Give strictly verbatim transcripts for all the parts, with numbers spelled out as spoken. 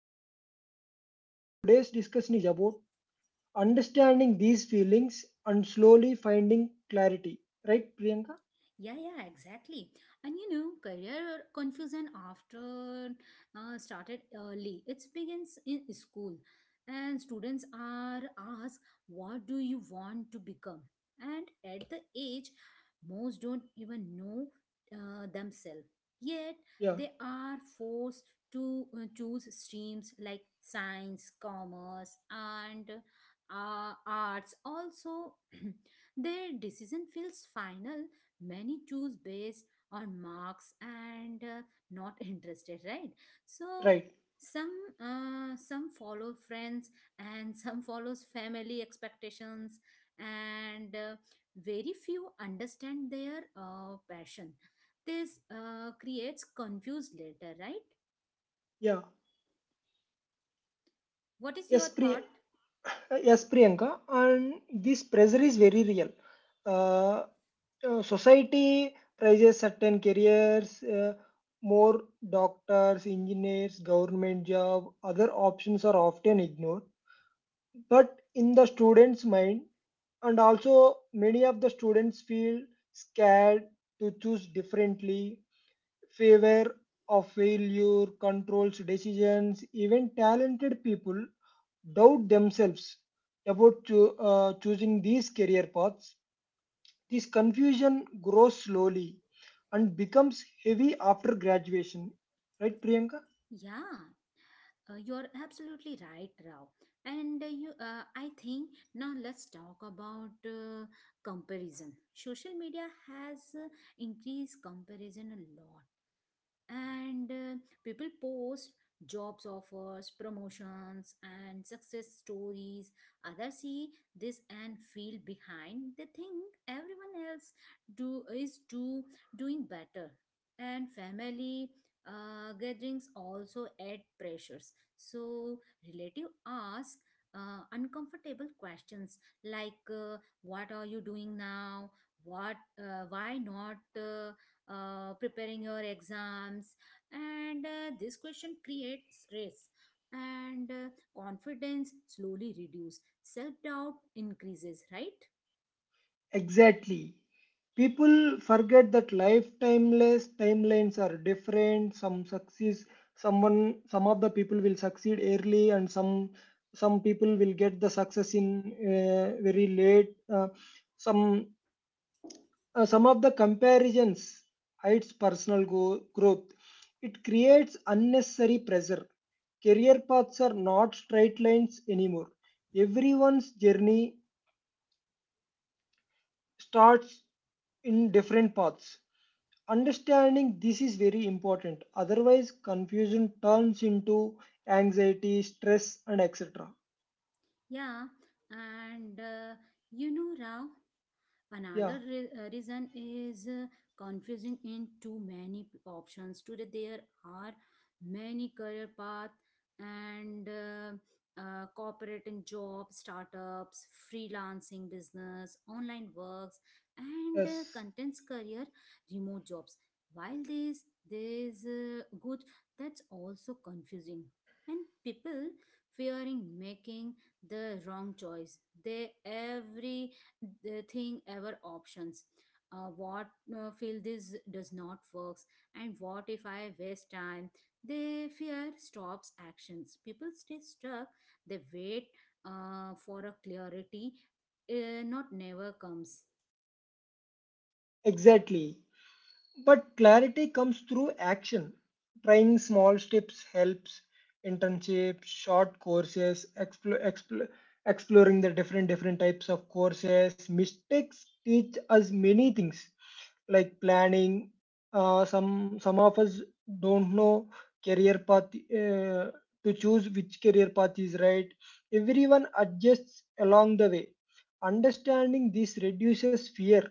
they are late in life. Today's discussion is about understanding these feelings and slowly finding clarity, right, Priyanka? Yeah, yeah, exactly. And you know, career confusion after uh, started early. It begins in school, and students are asked, what do you want to become? And at the age, most don't even know uh, themselves. Yet, Yeah. they are forced to uh, choose streams like science, commerce, and uh, arts. Also, their decision feels final, many choose based on marks and uh, not interested, right? So Right. some uh, some follow friends and some follows family expectations, and uh, very few understand their uh, passion. This uh, creates confused later, right? Yeah. What is yes your Pri- thought? yes, Priyanka. And this pressure is very real. uh, uh, Society prizes certain careers, uh, more. Doctors, engineers, government job, other options are often ignored, but in the students mind. And also many of the students feel scared to choose differently. Favor of failure controls decisions. Even talented people doubt themselves about cho- uh, choosing these career paths. This confusion grows slowly and becomes heavy after graduation. Right, Priyanka? Yeah. Uh, you're absolutely right, Rao. And uh, you, uh, I think now let's talk about uh, comparison. Social media has uh, increased comparison a lot, and uh, people post jobs offers promotions and success stories. Others see this and feel behind, they think everyone else do is do doing better. And family uh, gatherings also add pressures, so relative ask uh, uncomfortable questions like uh, what are you doing now, what uh, why not uh, uh, preparing your exams? And uh, this question creates stress, and uh, confidence slowly reduce, self doubt increases, right? Exactly. People forget that life timeless timelines are different. Some succeeds, someone, some of the people will succeed early, and some some people will get the success in uh, very late. Uh, some uh, some of the comparisons hides personal go- growth. It creates unnecessary pressure. Career paths are not straight lines anymore. Everyone's journey starts in different paths. Understanding this is very important, otherwise, confusion turns into anxiety, stress, and et cetera. Yeah, and uh, you know, Rao, Yeah, Another re- uh, reason is uh, confusing in too many p- options. Today there are many career paths, and uh, uh, cooperating jobs, startups, freelancing business, online works, and uh, yes, contents career, remote jobs. While this this uh, good, that's also confusing, and people fearing making the wrong choice. They every the thing ever options, uh, what uh, feel this does not works, and what if I waste time. They fear stops actions, people stay stuck, they wait uh, for a clarity uh, not never comes. exactly. But clarity comes through action. Trying small steps helps, internships, short courses, explore explo- exploring the different different types of courses. Mistakes teach us many things, like planning. Uh, some some of us don't know career path uh, to choose which career path is right. Everyone adjusts along the way. Understanding this reduces fear.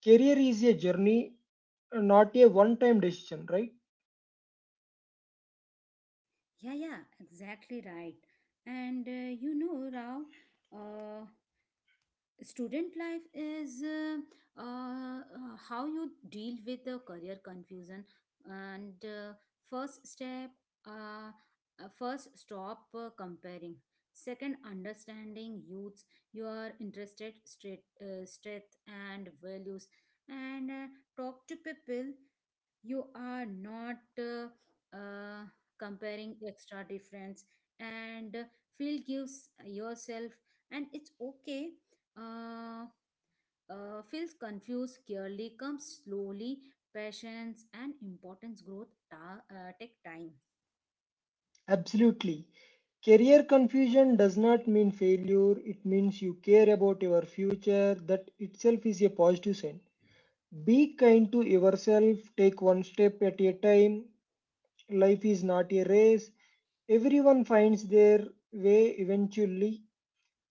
Career is a journey, not a one time decision, right? Yeah, yeah, exactly right. and uh, You know, Rao, uh, student life is uh, uh, uh, how you deal with the career confusion. And uh, first step, uh, uh, first stop uh, comparing. Second, understanding youths your interested straight, uh, strength and values, and uh, talk to people. You are not uh, uh, comparing extra difference and feel gives yourself. And it's okay uh, uh, feels confused clearly comes slowly. Patience and importance growth ta- uh, take time. Absolutely. Career confusion does not mean failure, it means you care about your future. That itself is a positive sign. Be kind to yourself, take one step at a time. Life is not a race, everyone finds their way eventually.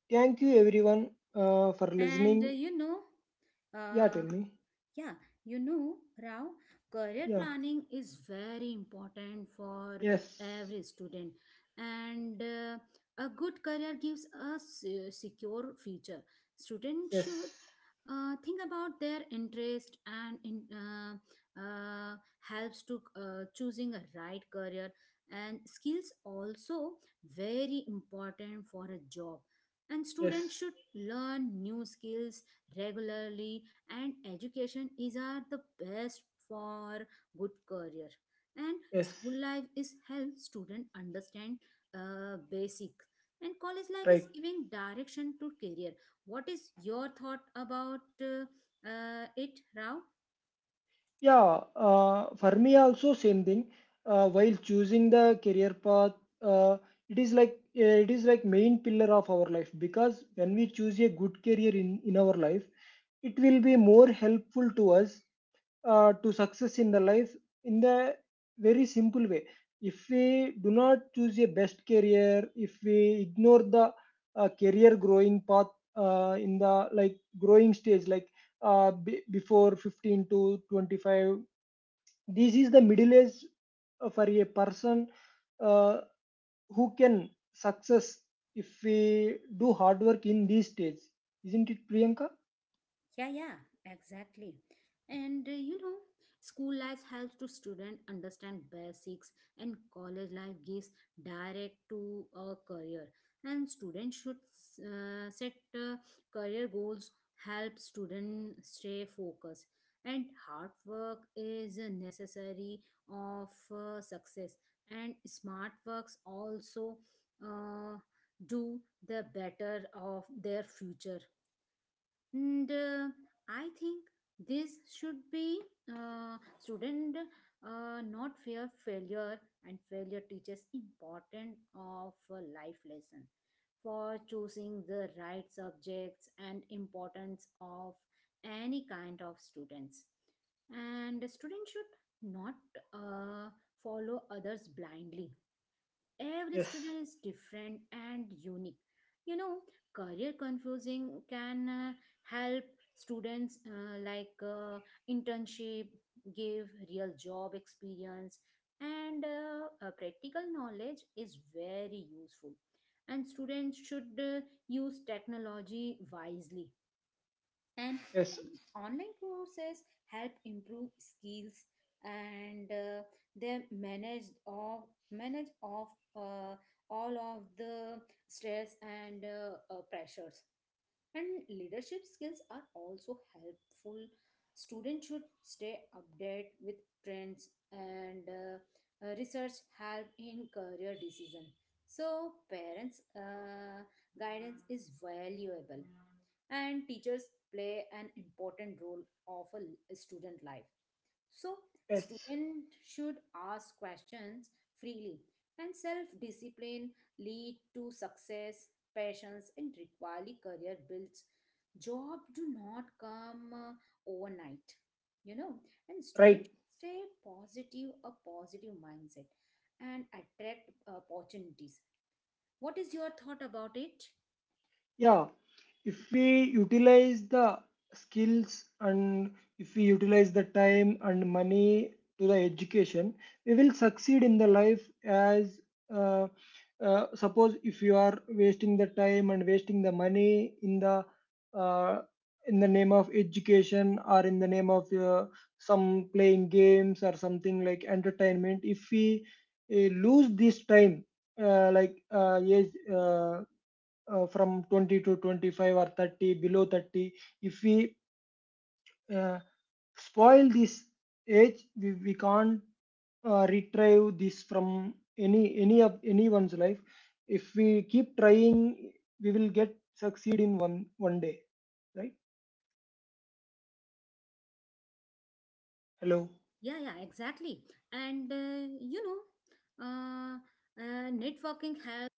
Thank you, everyone, uh, for And uh, listening. you know Yeah, tell uh, me. Yeah, you know, Rao, career Yeah, planning is very important for yes, every student, and uh, a good career gives a se- secure future. Students should yes, uh, think about their interest and in, uh, uh, helps to uh, choosing a right career, and skills also very important for a job, and students yes, should learn new skills regularly. And education is are the best for good career, and yes, school life is help student understand uh, basic, and college life right. is giving direction to career. What is your thought about uh, uh, it, Rao? Yeah, uh, for me also same thing. Uh, while choosing the career path, uh, it is like uh, it is like main pillar of our life, because when we choose a good career in in our life, it will be more helpful to us uh, to success in the life in the very simple way. If we do not choose a best career, if we ignore the uh, career growing path uh, in the like growing stage, like uh, b- before fifteen to twenty-five. This is the middle age uh, for a person uh, who can success if we do hard work in this stage, isn't it, Priyanka? Yeah, yeah, exactly. And uh, you know, school life helps to student understand basics, and college life gives direct to a career. And students should uh, set uh, career goals, help student stay focused. And hard work is uh, necessary of uh, success. And smart works also uh, do the better of their future, and uh, I think this should be uh, student uh, not fear failure, and failure teaches important of uh, life lesson for choosing the right subjects, and importance of any kind of students. And the student should not uh, follow others blindly. Every Yes, student is different and unique. You know, career confusing can uh, help students uh, like uh, internship give real job experience, and uh, uh, practical knowledge is very useful, and students should uh, use technology wisely, and yes, fun. Online courses help improve skills, and uh, they manage off manage of uh, all of the stress and uh, uh, pressures, and leadership skills are also helpful. Students should stay updated with trends, and uh, uh, research help in career decision. So parents uh, guidance is valuable, and teachers play an important role of a student life. So, yes. students should ask questions freely, and self discipline lead to success, passions, and equally career builds. Job do not come uh, overnight, you know, and Right. students stay positive, a positive mindset, and attract uh, opportunities. What is your thought about it? Yeah, if we utilize the skills and if we utilize the time and money to the education, we will succeed in the life as uh, uh, suppose if you are wasting the time and wasting the money in the uh, in the name of education, or in the name of uh, some playing games or something like entertainment. If we uh, lose this time, uh, like, uh, yes, uh, uh, from twenty to twenty-five or thirty, below thirty, if we uh, spoil this age, we, we can't uh, retrieve this from any any of anyone's life. If we keep trying, we will get succeed in one one day, right. Hello. Yeah, yeah, exactly. And uh, you know, uh, uh, Networking helps.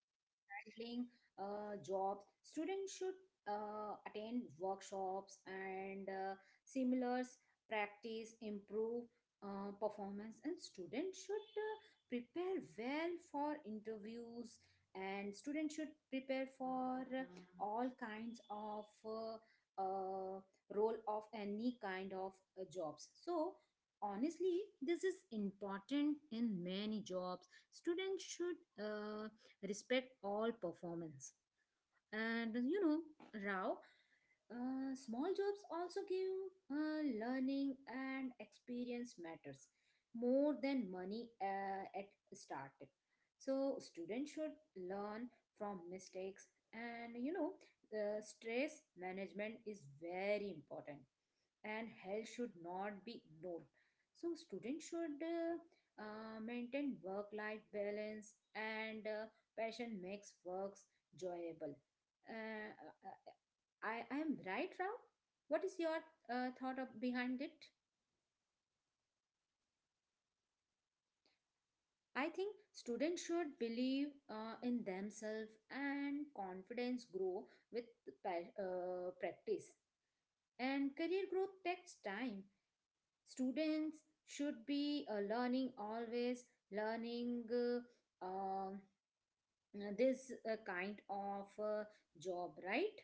Handling uh, jobs, students should uh, attend workshops and uh, seminars, practice, improve uh, performance, and students should uh, prepare well for interviews. And students should prepare for uh, all kinds of uh, uh, role of any kind of uh, jobs. So honestly, this is important in many jobs. Students should uh, respect all performance. And you know, Rao, uh, small jobs also give uh, learning, and experience matters more than money uh, at started. So students should learn from mistakes, and you know, the stress management is very important, and health should not be ignored. So, students should uh, uh, maintain work life balance, and uh, passion makes works enjoyable. Uh, uh, I, I am right, Rao? What is your uh, thought of, behind it? I think students should believe uh, in themselves, and confidence grow with pa- uh, practice. And career growth takes time. Students should be uh, learning always, learning uh, um, this uh, kind of uh, job, right?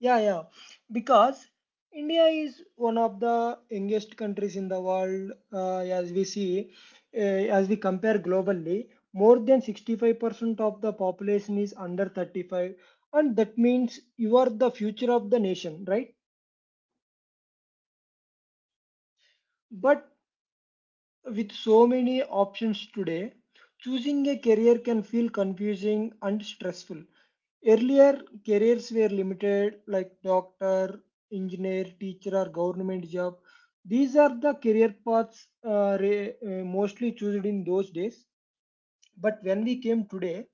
Yeah, yeah. Because India is one of the youngest countries in the world, uh, as we see, uh, as we compare globally, more than sixty-five percent of the population is under thirty-five, and that means you are the future of the nation, right? But with so many options today, choosing a career can feel confusing and stressful. Earlier, careers were limited, like doctor, engineer, teacher, or government job. These are the career paths uh, re- uh, mostly chosen in those days. But when we came today,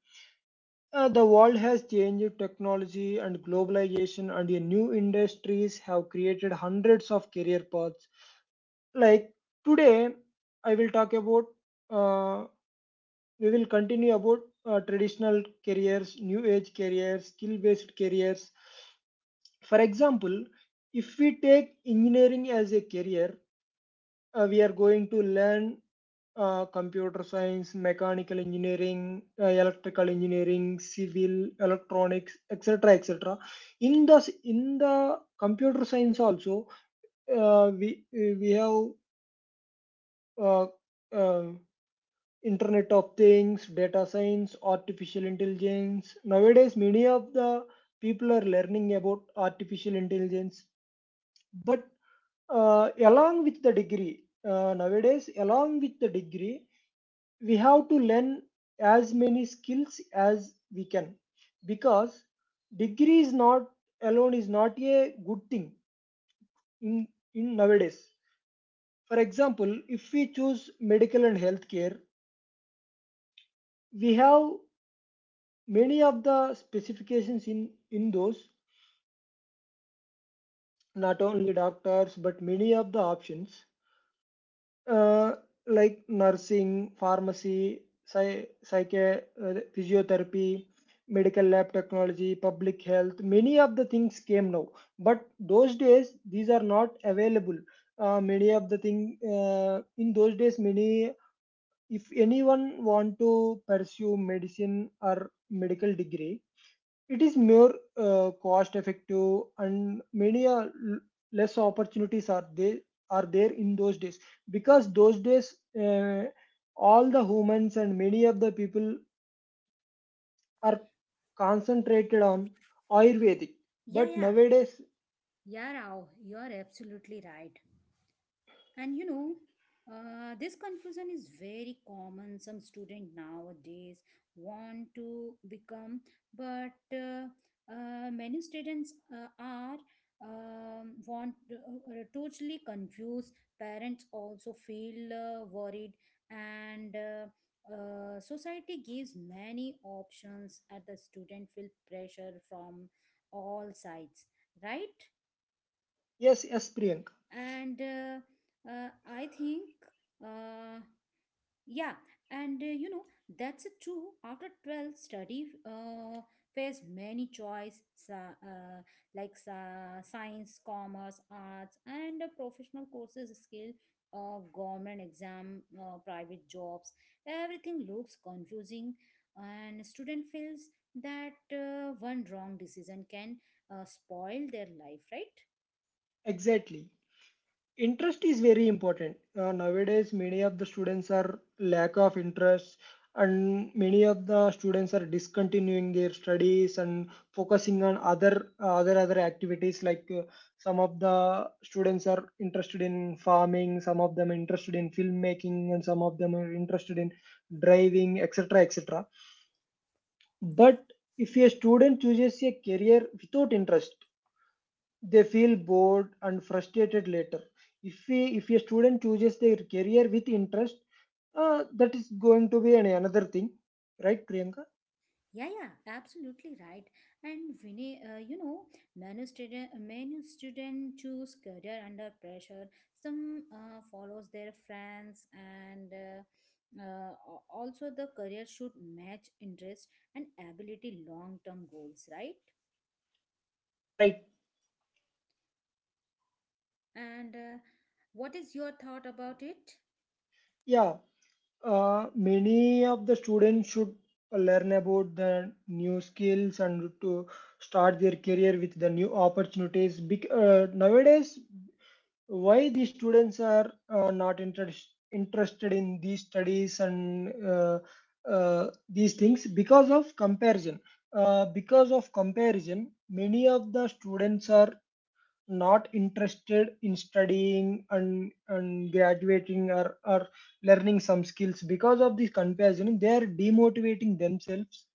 uh, the world has changed. Technology and globalization and the new industries have created hundreds of career paths. Like today, I will talk about. Uh, we will continue about uh, traditional careers, new age careers, skill based careers. For example, if we take engineering as a career, uh, we are going to learn uh, computer science, mechanical engineering, uh, electrical engineering, civil, electronics, et cetera, et cetera. In the in the computer science also, uh, we we have uh, uh, Internet of Things, data science, artificial intelligence. Nowadays, many of the people are learning about artificial intelligence, but uh, along with the degree, uh, nowadays along with the degree we have to learn as many skills as we can, because degree is not alone is not a good thing in, in nowadays. For example, if we choose medical and healthcare, we have many of the specifications in in those, not only doctors but many of the options, uh, like nursing, pharmacy, psy- psych- uh, physiotherapy, medical lab technology, public health. Many of the things came now, but those days these are not available. Uh, many of the thing uh, in those days, many, if anyone want to pursue medicine or medical degree, it is more uh, cost effective, and many uh, l- less opportunities are there are there in those days, because those days uh, all the humans and many of the people are concentrated on Y- Ayurvedic. Yeah, But yeah. nowadays, Yeah, Rao, you are absolutely right. And you know, uh, this confusion is very common. Some student nowadays want to become, but uh, uh, many students uh, are um, want uh, uh, totally confused. Parents also feel uh, worried, and uh, uh, society gives many options, and the student feel pressure from all sides. Right? yes, yes, Priyank, and uh, uh, I think uh, yeah, and uh, you know, that's it too after twelfth study uh, face many choice sa- uh, like sa- science, commerce, arts, and uh, professional courses, skill of government exam, uh, private jobs. Everything looks confusing, and student feels that uh, one wrong decision can uh, spoil their life, right? exactly. Interest is very important. Uh, nowadays many of the students are lack of interest, and many of the students are discontinuing their studies and focusing on other uh, other other activities, like uh, some of the students are interested in farming, some of them are interested in filmmaking, and some of them are interested in driving, etc., etc. But if a student chooses a career without interest, they feel bored and frustrated later. If we if a student chooses their career with interest, uh, that is going to be an, another thing, right, Priyanka? Yeah, yeah, absolutely right. And Vinay, uh, you know, many student, many student choose career under pressure. Some uh, follows their friends, and uh, uh, al- also the career should match interest and ability, long term goals, right? Right. And uh, what is your thought about it? Yeah, uh, many of the students should learn about the new skills and to start their career with the new opportunities. Bec- uh, nowadays, why the students are uh, not interest, interested in these studies and uh, uh, these things, because of comparison. Uh, because of comparison, many of the students are not interested in studying and and graduating or, or learning some skills. Because of this comparison, they are demotivating themselves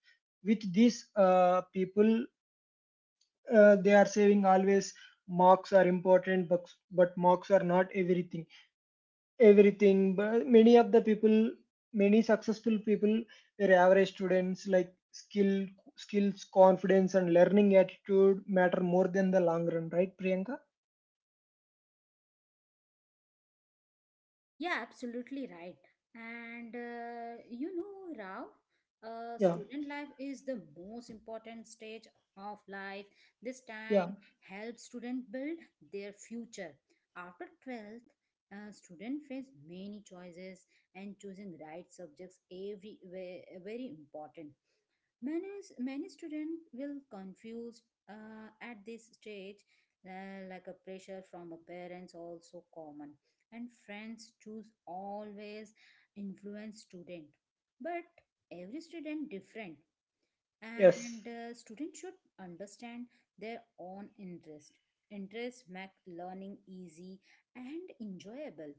with these uh, people. Uh, they are saying always marks are important, but, but marks are not everything everything But many of the people, many successful people were average students, like skill skills, confidence and learning attitude matter more than the long run, right, Priyanka? Yeah, absolutely right. And uh, you know, Rao, uh, Yeah, student life is the most important stage of life. This time yeah, helps student build their future. After twelfth, uh, student face many choices, and choosing right subjects every ve- very important. Many, Many students will confused uh, at this stage, uh, like a pressure from a parents also common, and friends choose always influence student, but every student different, yes, and uh, students should understand their own interest. Interest make learning easy and enjoyable.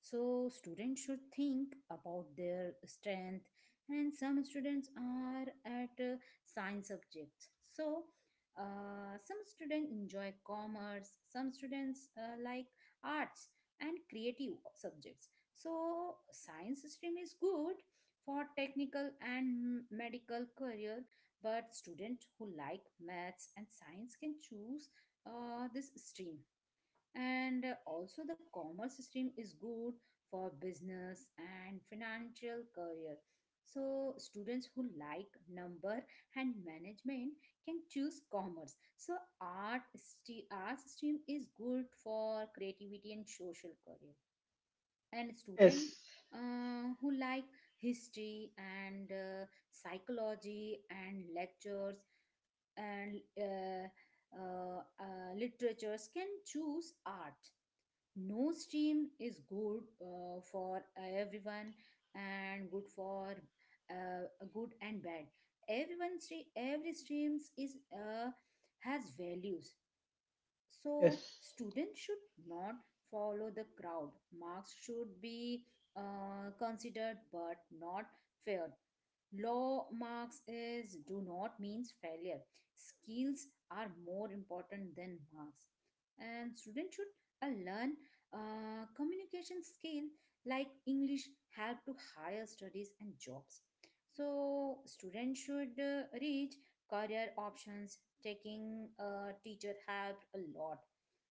So students should think about their strength, and some students are at uh, science subjects. So uh, some students enjoy commerce, some students uh, like arts and creative subjects. So science stream is good for technical and medical career, but students who like maths and science can choose uh, this stream. And uh, also the commerce stream is good for business and financial career, so students who like number and management can choose commerce. So art st- art stream is good for creativity and social career, and student yes, uh, who like history and uh, psychology and lectures and uh, uh, uh, literatures can choose art. No stream is good uh, for everyone and good for uh, good and bad. Everyone stre- every streams is uh, has values. So yes. students should not follow the crowd. Marks should be uh, considered but not feared. Low marks is do not means failure. Skills are more important than marks. And students should uh, learn uh, communication skill like English help to higher studies and jobs. So students should uh, reach career options. Taking uh, teacher helped a lot.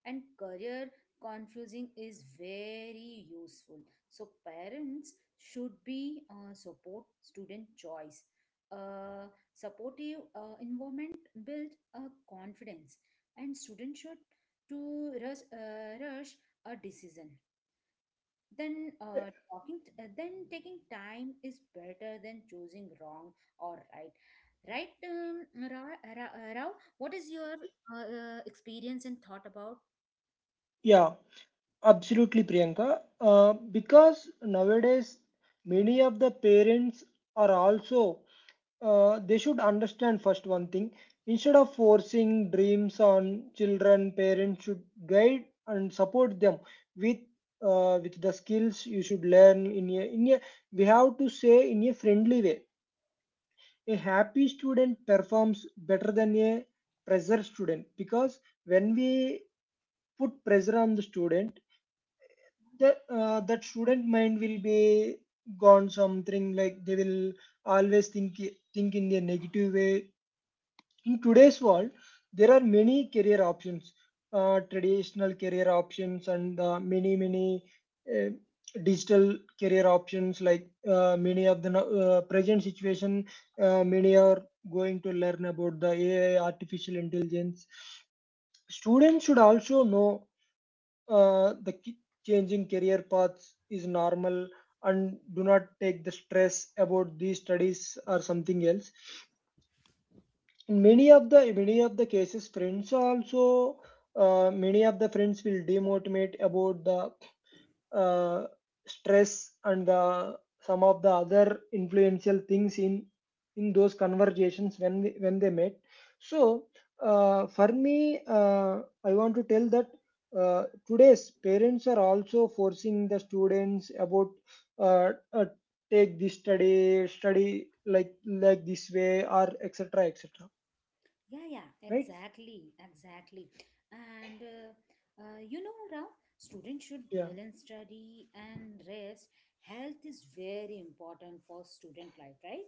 And career confusing is very useful. So parents should be uh, support student choice. A supportive uh, environment build a confidence, and students should to rush, uh, rush a decision. Then uh, talking, t- uh, then taking time is better than choosing wrong or right. Right, um, Ra- Ra- Rao, what is your uh, uh, experience and thought about? Yeah, absolutely, Priyanka. uh, because nowadays many of the parents are also, uh, they should understand first one thing. Instead of forcing dreams on children, parents should guide and support them, with uh, with the skills you should learn in a, in a we have to say, in a friendly way. A happy student performs better than a pressure student, because when we put pressure on the student, the, uh, that student mind will be gone, something like they will always think think in a negative way. In today's world there are many career options, uh, traditional career options, and uh, many many uh, digital career options, like uh, many of the no- uh, present situation, uh, many are going to learn about the AI, artificial intelligence. Students should also know uh, the ki- changing career paths is normal, and do not take the stress about these studies or something else. In many of the many of the cases, friends also, uh, many of the friends will demotivate about the uh, stress and the some of the other influential things in in those conversations, when we, when they met. So uh, for me, uh, I want to tell that uh, today's parents are also forcing the students about, uh, uh, take this study study like like this way, or etc., etc. Yeah, yeah, Right. exactly, exactly. And uh, uh, You know, Ram, students should Yeah, balance study and rest. Health is very important for student life, right?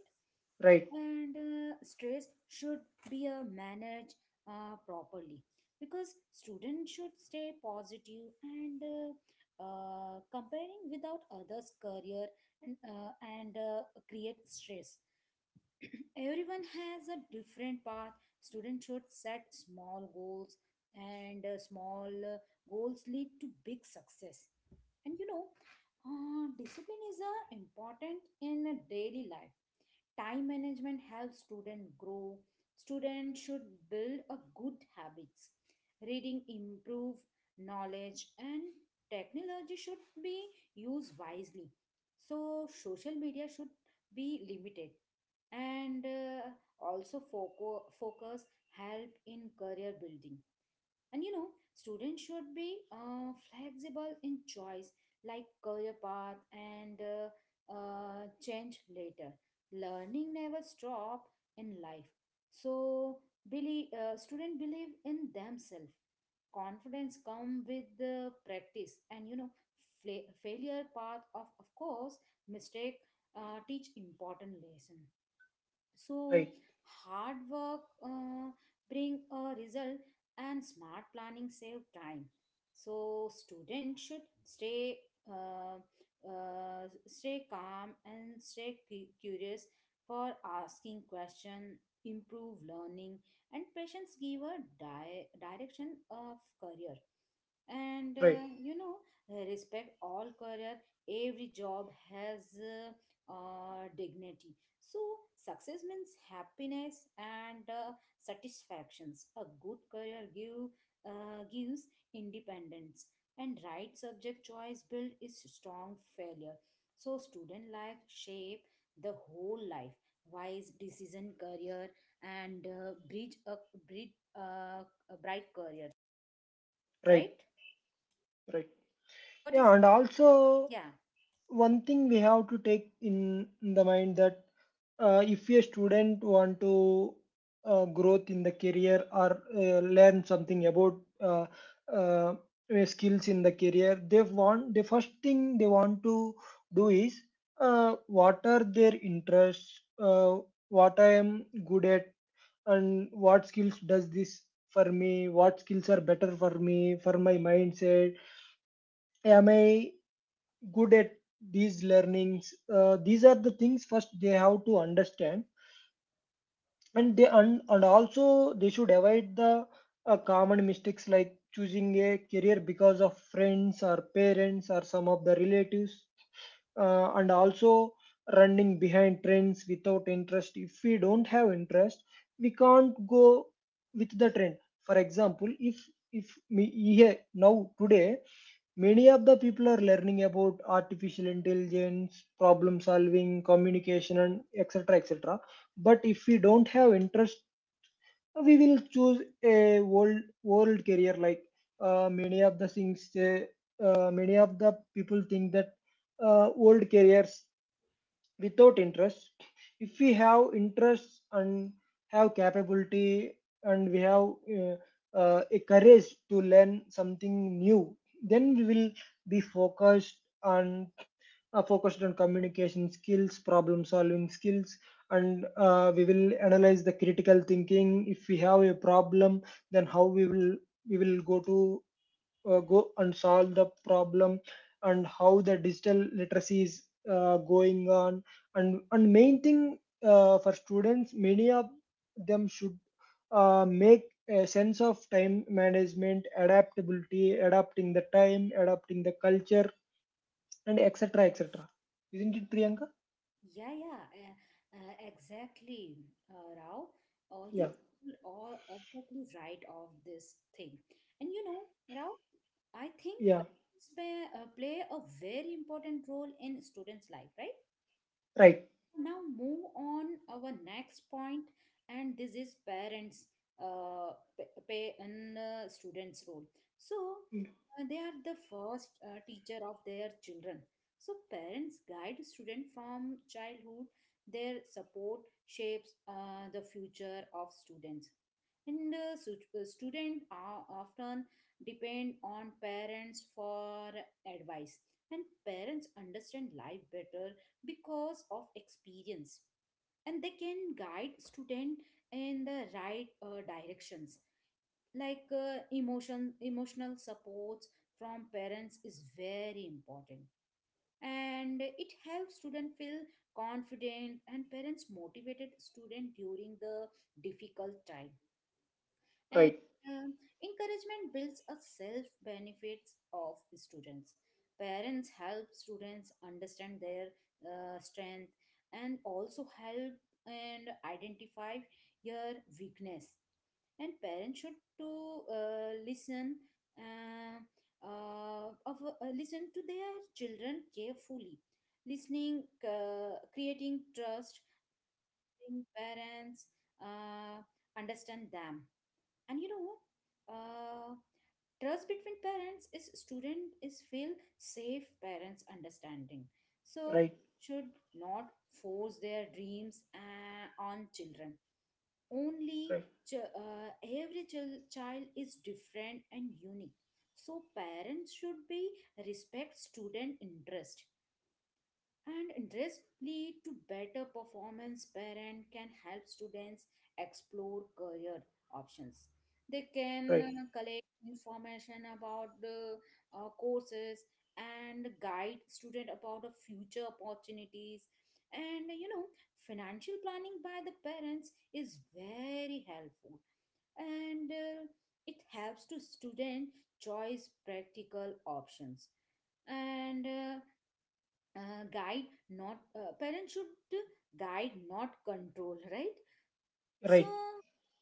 right, And uh, stress should be uh, managed uh, properly because students should stay positive and uh, uh, comparing without others' career and uh, and uh, create stress. Everyone has a different path. Students should set small goals and uh, small uh, goals lead to big success. And you know uh, discipline is uh, important in a daily life. Time management helps student grow. Students should build a good habits. Reading improve knowledge and technology should be used wisely. So social media should be limited, and uh, also foco- focus help in career building. And you know, students should be uh, flexible in choice, like career path and uh, uh, change later. Learning never stop in life. So, believe, uh, student believe in themselves. Confidence come with the practice, and you know, fla- failure path of of course mistake uh, teach important lesson. So right, hard work uh, bring a result and smart planning save time. So students should stay uh, uh, stay calm and stay cu- curious for asking question improve learning, and patience give a di- direction of career. And right, uh, you know uh, respect all career. Every job has uh, uh, dignity. So success means happiness and uh, satisfactions a good career give uh, gives independence, and right subject choice build is strong failure. So student life shape the whole life, wise decision career, and uh, bridge a bridge uh, a bright career. right, Right. right. what Yeah, is and also yeah, one thing we have to take in, in the mind, that uh, if a student want to uh, growth in the career or uh, learn something about uh, uh, uh, skills in the career, they want the first thing they want to do is, uh, what are their interests, uh, what I am good at, and what skills does this for me, what skills are better for me, for my mindset, am I good at these learnings? Uh, these are the things first they have to understand, and they and, and also they should avoid the uh, common mistakes, like choosing a career because of friends or parents or some of the relatives, uh, and also running behind trends without interest. If we don't have interest, we can't go with the trend. For example, if if me here now today, many of the people are learning about artificial intelligence, problem solving, communication, and etc., etc. But if we don't have interest, we will choose a world world career, like uh, many of the things, uh, uh, many of the people think that uh, old careers without interest. If we have interest and have capability and we have uh, uh, a courage to learn something new, then we will be focused on uh, focused on communication skills, problem solving skills. And uh, we will analyze the critical thinking. If we have a problem, then how we will we will go to uh, go and solve the problem, and how the digital literacy is uh, going on. And and main thing, uh, for students, many of them should uh, make a sense of time management, adaptability, adapting the time, adapting the culture, and etc., etc. Isn't it, Priyanka? yeah, yeah, uh, uh, exactly, uh, Rao. Uh, Yeah, you are exactly right of this thing. And you know, Rao, I think yeah, parents play, uh, play a very important role in students' life, right? right, Now move on our next point, and this is parents uh, pa- pay and uh, students role. So uh, they are the first uh, teacher of their children. So parents guide student from childhood. Their support shapes uh, the future of students. And uh, su- uh, students are often depend on parents for advice, and parents understand life better because of experience, and they can guide student in the right uh, directions. Like uh, emotion emotional supports from parents is very important, and it helps student feel confident, and parents motivated student during the difficult time. And right, um, encouragement builds a self benefits of students. Parents help students understand their uh, strength and also help and identify your weakness. And parents should to uh, listen uh, uh, of, uh, listen to their children carefully. Listening, uh, creating trust, in parents uh, understand them. And you know uh, trust between parents is student is feel safe parents understanding. So right, should not force their dreams uh, on children only. right, ch- uh, every chil- child is different and unique, so parents should be respect student interest, and interest lead to better performance. Parent can help students explore career options. They can right, uh, collect information about the uh, courses and guide student about the future opportunities. And you know, financial planning by the parents is very helpful, and uh, it helps to student choice practical options. And uh, uh, guide not uh, parents should guide not control, right? So right,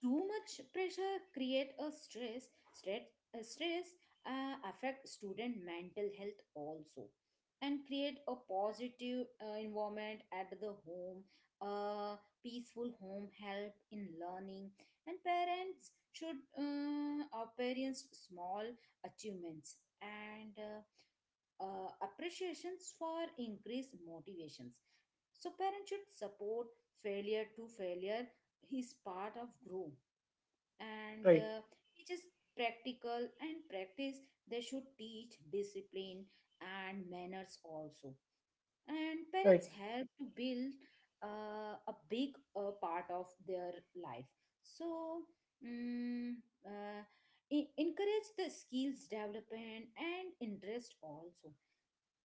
too much pressure create a stress. Stress uh, stress uh, affect student mental health also, and create a positive uh, environment at the home. A peaceful home help in learning, and parents should uh, appearance small achievements. And uh, uh, appreciations for increased motivations. So parents should support failure to failure is part of grow. and right, uh, teaches practical and practice. They should teach discipline and manners also, and right. parents help to build uh, a big uh, part of their life. So mm, uh, en- encourage the skills development and interest also.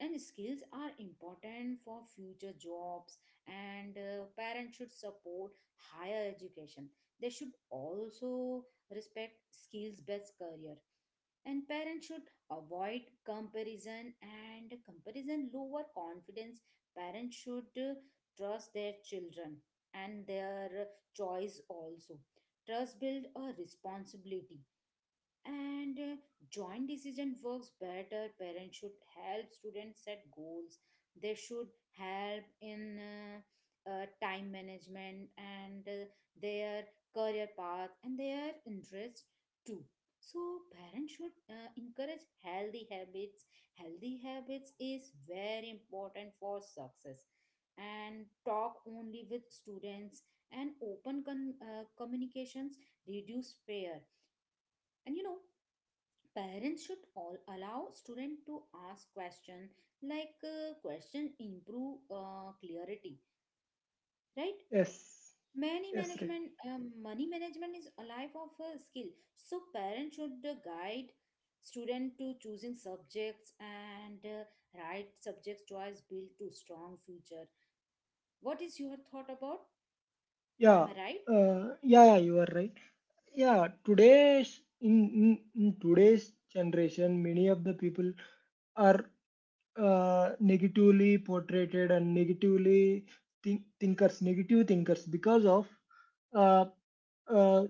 And skills are important for future jobs, and uh, parents should support higher education. They should also respect skills based career. And parents should avoid comparison, and comparison lower confidence. Parents should uh, trust their children and their choice also. Trust build a responsibility, and uh, joint decision works better. Parents should help students set goals. They should help in uh, uh, time management and uh, their career path and their interests too. So parents should uh, encourage healthy habits. Healthy habits is very important for success, and talk only with students. And open con- uh, communications reduce fear. And you know, parents should all allow student to ask question, like uh, question improve uh, clarity, right? Yes, many yes. Right. management um, Money management is a life of a skill, so parents should uh, guide student to choosing subjects, and uh, right subject choice build to strong future. What is your thought about, Yeah, am I right? uh, yeah, yeah, you are right. Yeah, today's in, in, in today's generation, many of the people are uh, negatively portrayed and negatively think, thinkers, negative thinkers, because of uh, uh,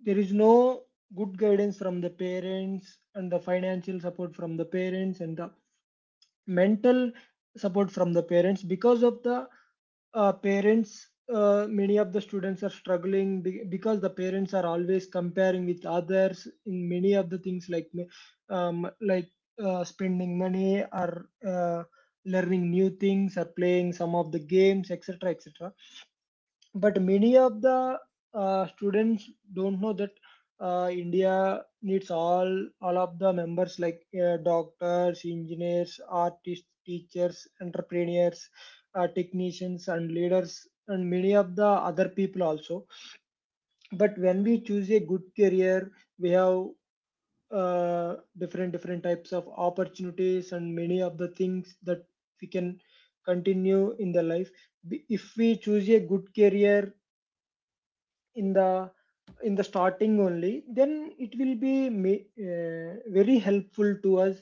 there is no good guidance from the parents and the financial support from the parents and the mental support from the parents. Because of the uh, parents, uh, many of the students are struggling be- because the parents are always comparing with others in many of the things, like um, like, uh, spending money or uh, learning new things or playing some of the games, etc., etc. But many of the uh, students don't know that uh, India needs all all of the members, like uh, doctors, engineers, artists, teachers, entrepreneurs, uh, technicians, and leaders, and many of the other people also. But when we choose a good career, we have uh, different different types of opportunities and many of the things that we can continue in the life. If we choose a good career in the in the starting only, then it will be ma- uh, very helpful to us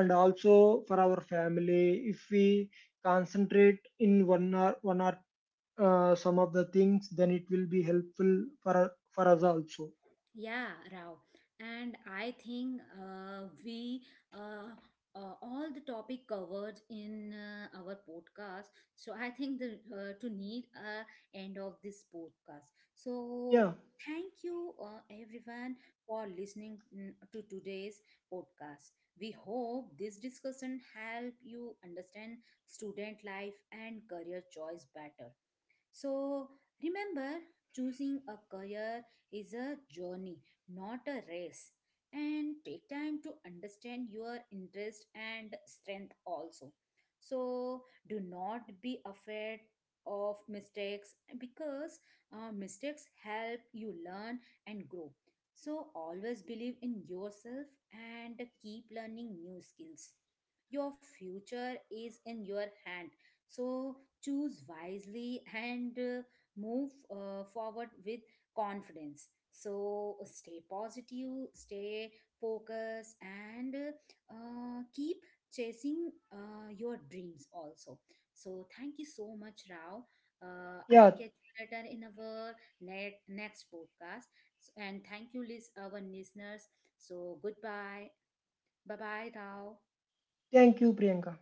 and also for our family. If we concentrate in one or one or uh, some of the things, then it will be helpful for for us also. Yeah, Rao. And I think uh, we uh, uh, all the topic covered in uh, our podcast. So I think the uh, to need a end of this podcast. So Yeah, thank you uh, everyone for listening mm, to today's podcast. We hope this discussion help you understand student life and career choice better. So remember, choosing a career is a journey, not a race. And take time to understand your interest and strength also. So do not be afraid of mistakes because uh, mistakes help you learn and grow. So always believe in yourself and keep learning new skills. Your future is in your hand, so choose wisely, and uh, move uh, forward with confidence. So stay positive, stay focused, and uh, keep chasing uh, your dreams also. So thank you so much, Rao. Uh, I yeah. catch you later in our net, next podcast. So- and thank you, lis- our listeners. So goodbye. Bye bye, Rao. Thank you, Priyanka.